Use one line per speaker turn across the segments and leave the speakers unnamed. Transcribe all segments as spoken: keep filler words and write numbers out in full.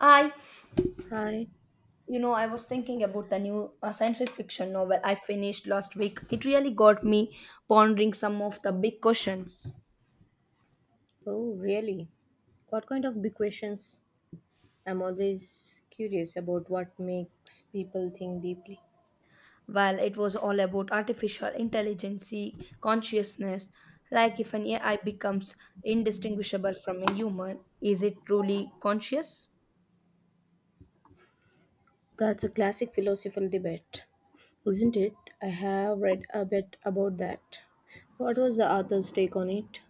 I,
Hi.
you know, I was thinking about the new uh, scientific fiction novel I finished last week. It really got me pondering some of the big questions.
Oh, really? What kind of big questions? I'm always curious about what makes people think deeply.
Well, it was all about artificial intelligence, consciousness, like if an A I becomes indistinguishable from a human, is it truly conscious?
That's a classic philosophical debate, isn't it? I have read a bit about that. What was the author's take on it?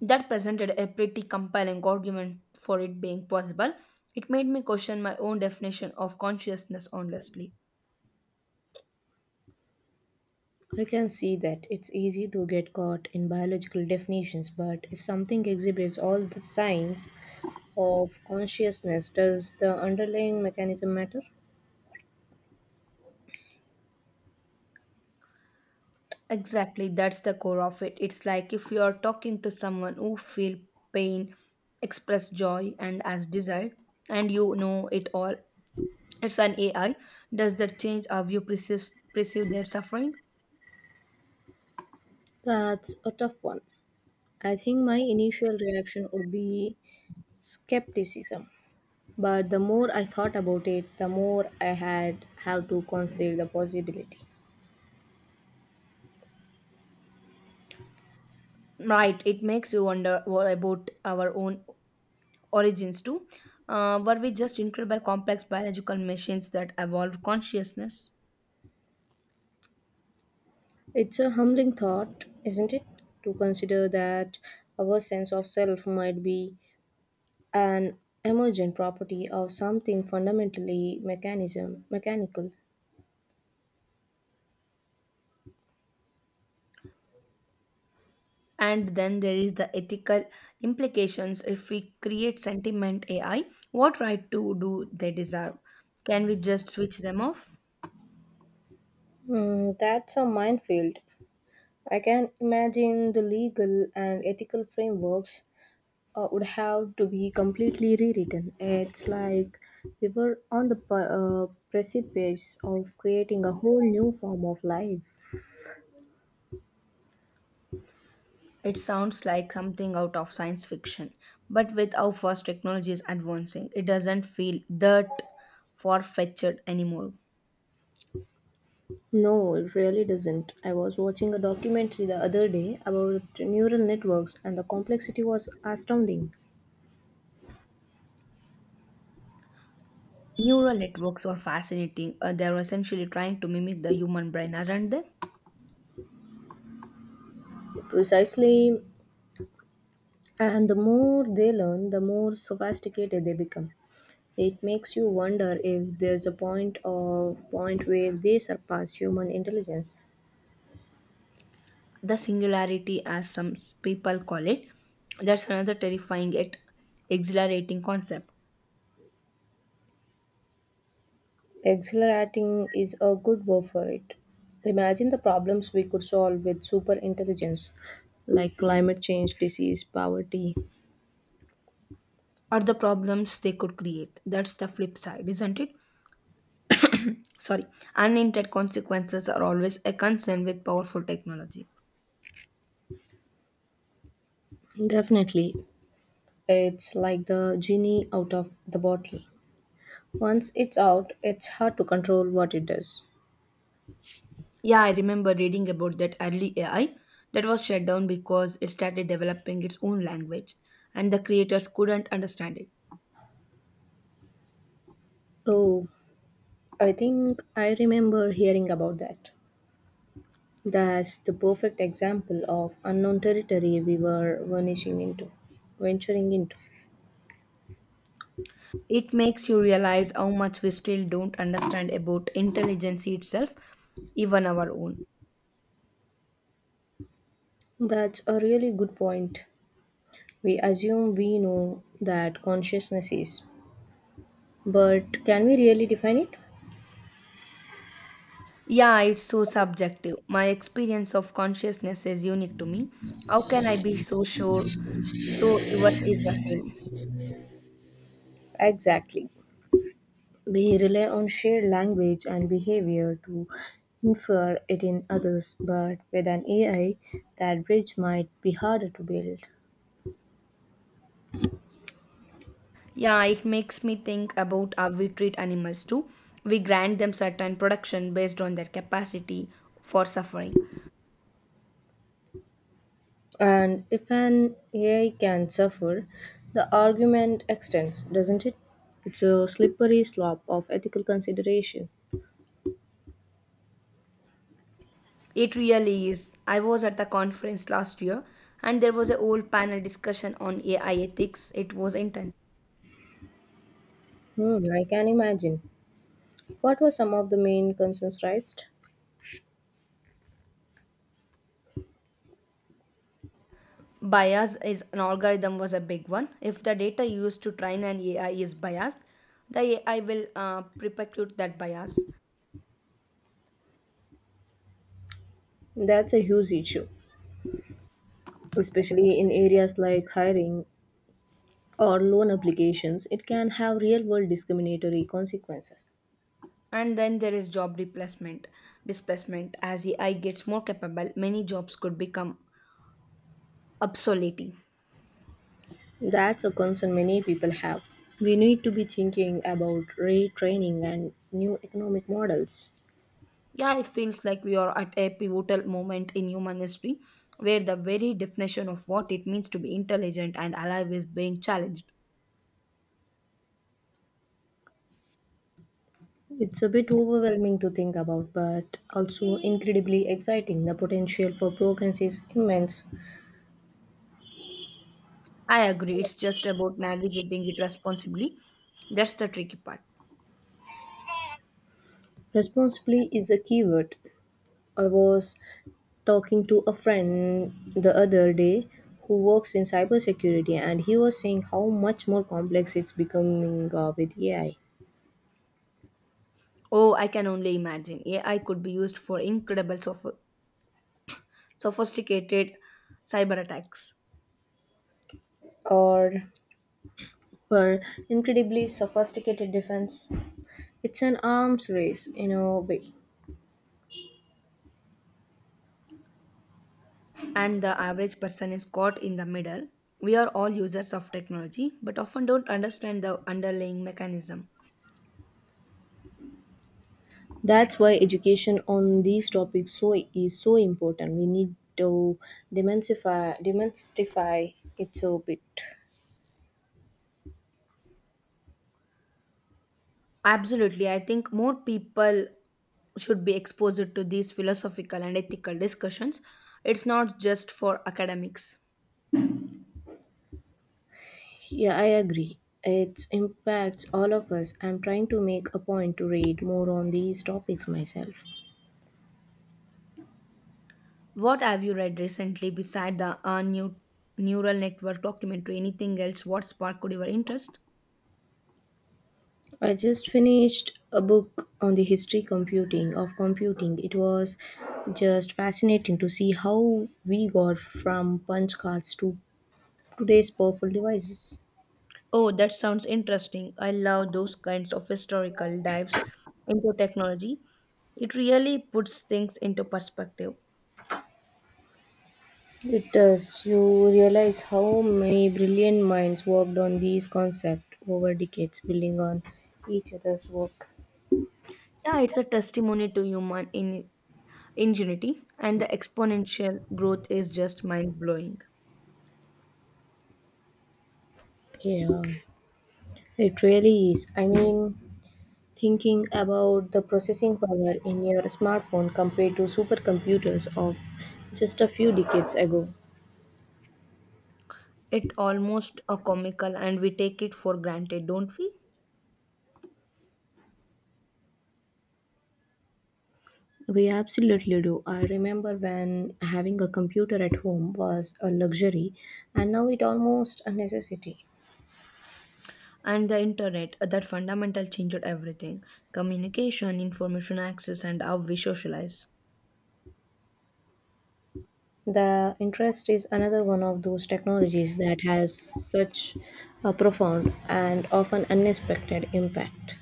That presented a pretty compelling argument for it being possible. It made me question my own definition of consciousness honestly.
I can see that it's easy to get caught in biological definitions, but if something exhibits all the signs of consciousness, does the underlying mechanism matter?
Exactly, that's the core of it. It's like if you are talking to someone who feel pain, express joy and as desire, and you know it all. It's an A I. Does that change how you perceive, perceive their suffering?
That's a tough one. I think my initial reaction would be skepticism. But the more I thought about it, the more I had have to consider the possibility.
Right, it makes you wonder what about our own origins too. Uh, were we just incredible complex biological machines that evolved consciousness?
It's a humbling thought, isn't it? To consider that our sense of self might be an emergent property of something fundamentally mechanism mechanical.
And then there is the ethical implications if we create sentiment A I, what right to do they deserve? Can we just switch them off?
Hmm, that's a minefield. I can imagine the legal and ethical frameworks uh, would have to be completely rewritten. It's like we were on the p- uh, precipice of creating a whole new form of life.
It sounds like something out of science fiction, but with how fast technology is advancing, it doesn't feel that far fetched anymore.
No, it really doesn't. I was watching a documentary the other day about neural networks, and the complexity was astounding.
Neural networks are fascinating. Uh, they're essentially trying to mimic the human brain, aren't they?
Precisely, and the more they learn, the more sophisticated they become. It makes you wonder if there's a point of point where they surpass human intelligence.
The singularity, as some people call it, that's another terrifying yet exhilarating concept.
Accelerating is a good word for it. Imagine the problems we could solve with super intelligence, like climate change, disease, poverty.
Or the problems they could create. That's the flip side, isn't it? Sorry, unintended consequences are always a concern with powerful technology.
Definitely, it's like the genie out of the bottle. Once it's out, it's hard to control what it does.
Yeah, I remember reading about that early A I that was shut down because it started developing its own language and the creators couldn't understand it.
Oh, I think I remember hearing about that. That's the perfect example of unknown territory we were vanishing into, venturing into.
It makes you realize how much we still don't understand about intelligence itself, even our own.
That's a really good point. We assume we know that consciousness is, but can we really define it?
Yeah, it's so subjective. My experience of consciousness is unique to me. How can I be so sure so yours is the same.
Exactly. We rely on shared language and behavior to infer it in others, but with an A I, that bridge might be harder to build.
Yeah, it makes me think about how we treat animals too. We grant them certain production based on their capacity for suffering.
And if an A I can suffer, the argument extends, doesn't it? It's a slippery slope of ethical consideration.
It really is. I was at the conference last year and there was a whole panel discussion on A I ethics. It was intense.
Hmm, I can imagine. What were some of the main concerns raised?
Bias is an algorithm was a big one. If the data used to train an A I is biased, the A I will uh, perpetuate that bias.
That's a huge issue, especially in areas like hiring or loan applications. It can have real world discriminatory consequences.
And then there is job replacement displacement as AI gets more capable many jobs could become obsolete.
That's a concern many people have. We need to be thinking about retraining and new economic models.
Yeah, it feels like we are at a pivotal moment in human history where the very definition of what it means to be intelligent and alive is being challenged.
It's a bit overwhelming to think about, but also incredibly exciting. The potential for progress is immense.
I agree, it's just about navigating it responsibly, that's the tricky part.
Responsibly is a keyword. I was talking to a friend the other day who works in cybersecurity, and he was saying how much more complex it's becoming uh, with A I,
Oh, I can only imagine AI could be used for incredible soph- sophisticated cyber attacks.
or for incredibly sophisticated defense. It's an arms race in a way.
And the average person is caught in the middle. We are all users of technology, but often don't understand the underlying mechanism.
That's why education on these topics so is so important. We need to demystify demystify it a bit.
Absolutely, I think more people should be exposed to these philosophical and ethical discussions. It's not just for academics.
Yeah, I agree. It impacts all of us. I'm trying to make a point to read more on these topics myself.
What have you read recently beside the uh, new neural network documentary? Anything else? What sparked your interest?
I just finished a book on the history computing of computing. It was just fascinating to see how we got from punch cards to today's powerful devices.
Oh, that sounds interesting. I love those kinds of historical dives into technology. It really puts things into perspective.
It does. You realize how many brilliant minds worked on these concepts over decades, building on each other's work.
Yeah, it's a testimony to human in- ingenuity, and the exponential growth is just mind blowing.
Yeah, it really is. I mean, thinking about the processing power in your smartphone compared to supercomputers of just a few decades ago.
It almost a comical, and we take it for granted, don't we?
We absolutely do. I remember when having a computer at home was a luxury, and now it almost a necessity.
And the internet, uh, that fundamental changed everything: communication, information access, and how we socialize.
The interest is another one of those technologies that has such a profound and often unexpected impact.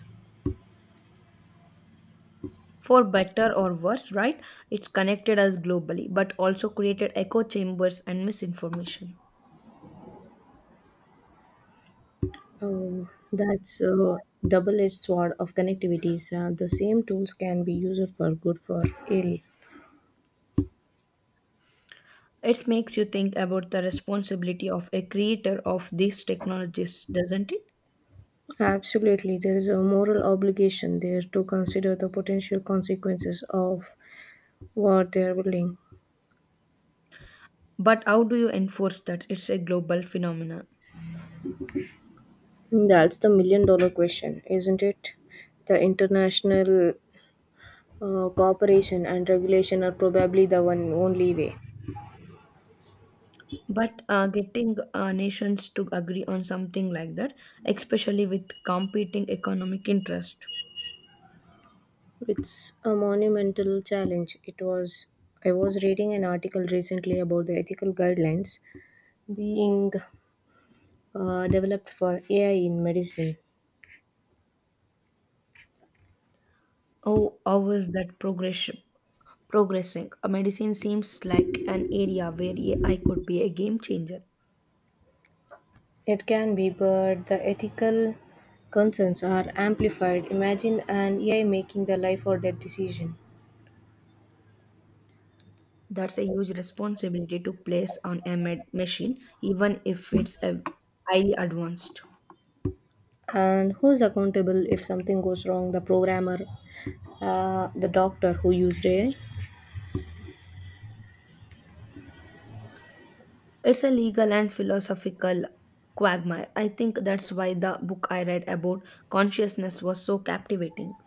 For better or worse, right, it's connected us globally but also created echo chambers and misinformation.
Oh, that's a double-edged sword of connectivities. Uh, the same tools can be used for good for ill.
It makes you think about the responsibility of a creator of these technologies, doesn't it?
Absolutely, there is a moral obligation there to consider the potential consequences of what they are building.
But how do you enforce that? It's a global phenomenon.
That's the million-dollar question, isn't it? The international uh, cooperation and regulation are probably the one only way.
But uh, getting uh, nations to agree on something like that, especially with competing economic interest.
It's a monumental challenge. It was I was reading an article recently about the ethical guidelines being uh, developed for A I in medicine.
Oh, how is that progress progressing? Uh, medicine seems like an area where I could be a game changer.
It can be, but the ethical concerns are amplified. Imagine an A I making the life or death decision.
That's a huge responsibility to place on a med- machine, even if it's a highly advanced.
And who's accountable if something goes wrong? The programmer, uh, the doctor who used A I?
It's a legal and philosophical quagmire. I think that's why the book I read about consciousness was so captivating.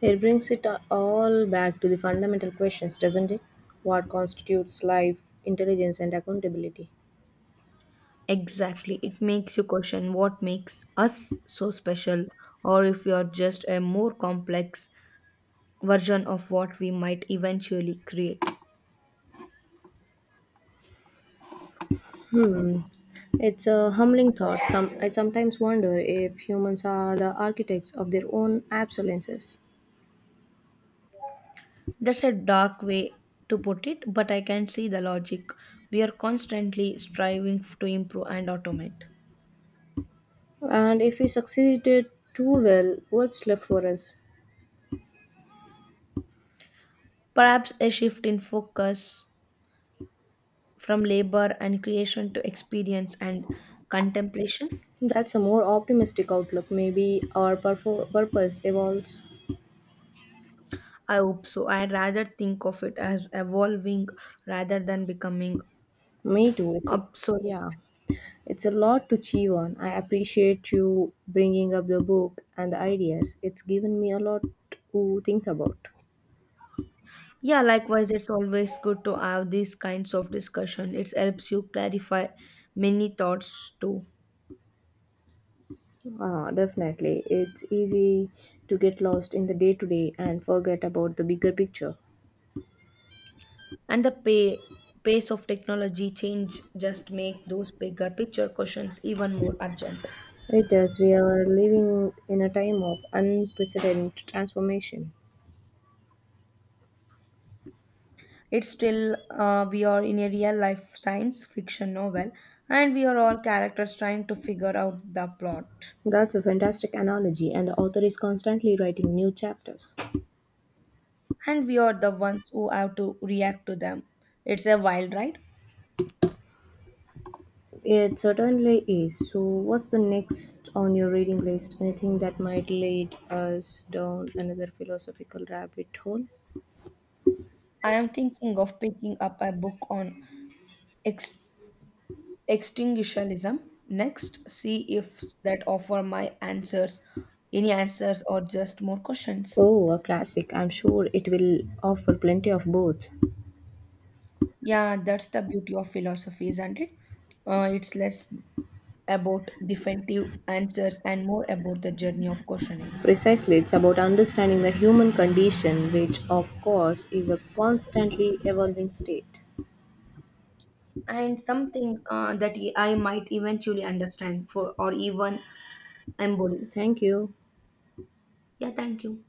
It brings it all back to the fundamental questions, doesn't it? What constitutes life, intelligence, and accountability?
Exactly. It makes you question what makes us so special, or if we are just a more complex version of what we might eventually create.
Hmm. It's a humbling thought. Some, I sometimes wonder if humans are the architects of their own obsolescence.
That's a dark way to put it, but I can see the logic. We are constantly striving f- to improve and automate.
And if we succeeded too well, what's left for us?
Perhaps a shift in focus from labor and creation to experience and contemplation.
That's a more optimistic outlook. Maybe our purfo- purpose evolves.
I hope so. I would rather think of it as evolving rather than becoming
Me too. It's a, yeah.
obsolete.
It's a lot to chew on. I appreciate you bringing up the book and the ideas. It's given me a lot to think about.
Yeah, likewise, it's always good to have these kinds of discussion. It helps you clarify many thoughts too.
Ah, definitely. It's easy to get lost in the day to day and forget about the bigger picture.
And the pay, pace of technology change just make those bigger picture questions even more urgent.
It is, we are living in a time of unprecedented transformation.
It's still, uh, we are in a real life science fiction novel and we are all characters trying to figure out the plot.
That's a fantastic analogy, and the author is constantly writing new chapters.
And we are the ones who have to react to them. It's a wild ride.
It certainly is. So, what's the next on your reading list? Anything that might lead us down another philosophical rabbit hole?
I am thinking of picking up a book on ex- extinctionism next, see if that offer my answers, any answers or just more questions.
Oh, a classic. I'm sure it will offer plenty of both.
Yeah, that's the beauty of philosophy, isn't it? Uh, it's less about definitive answers and more about the journey of questioning.
Precisely, it's about understanding the human condition, which, of course, is a constantly evolving state.
And something uh, that I might eventually understand for or even embody.
Thank you.
Yeah, thank you.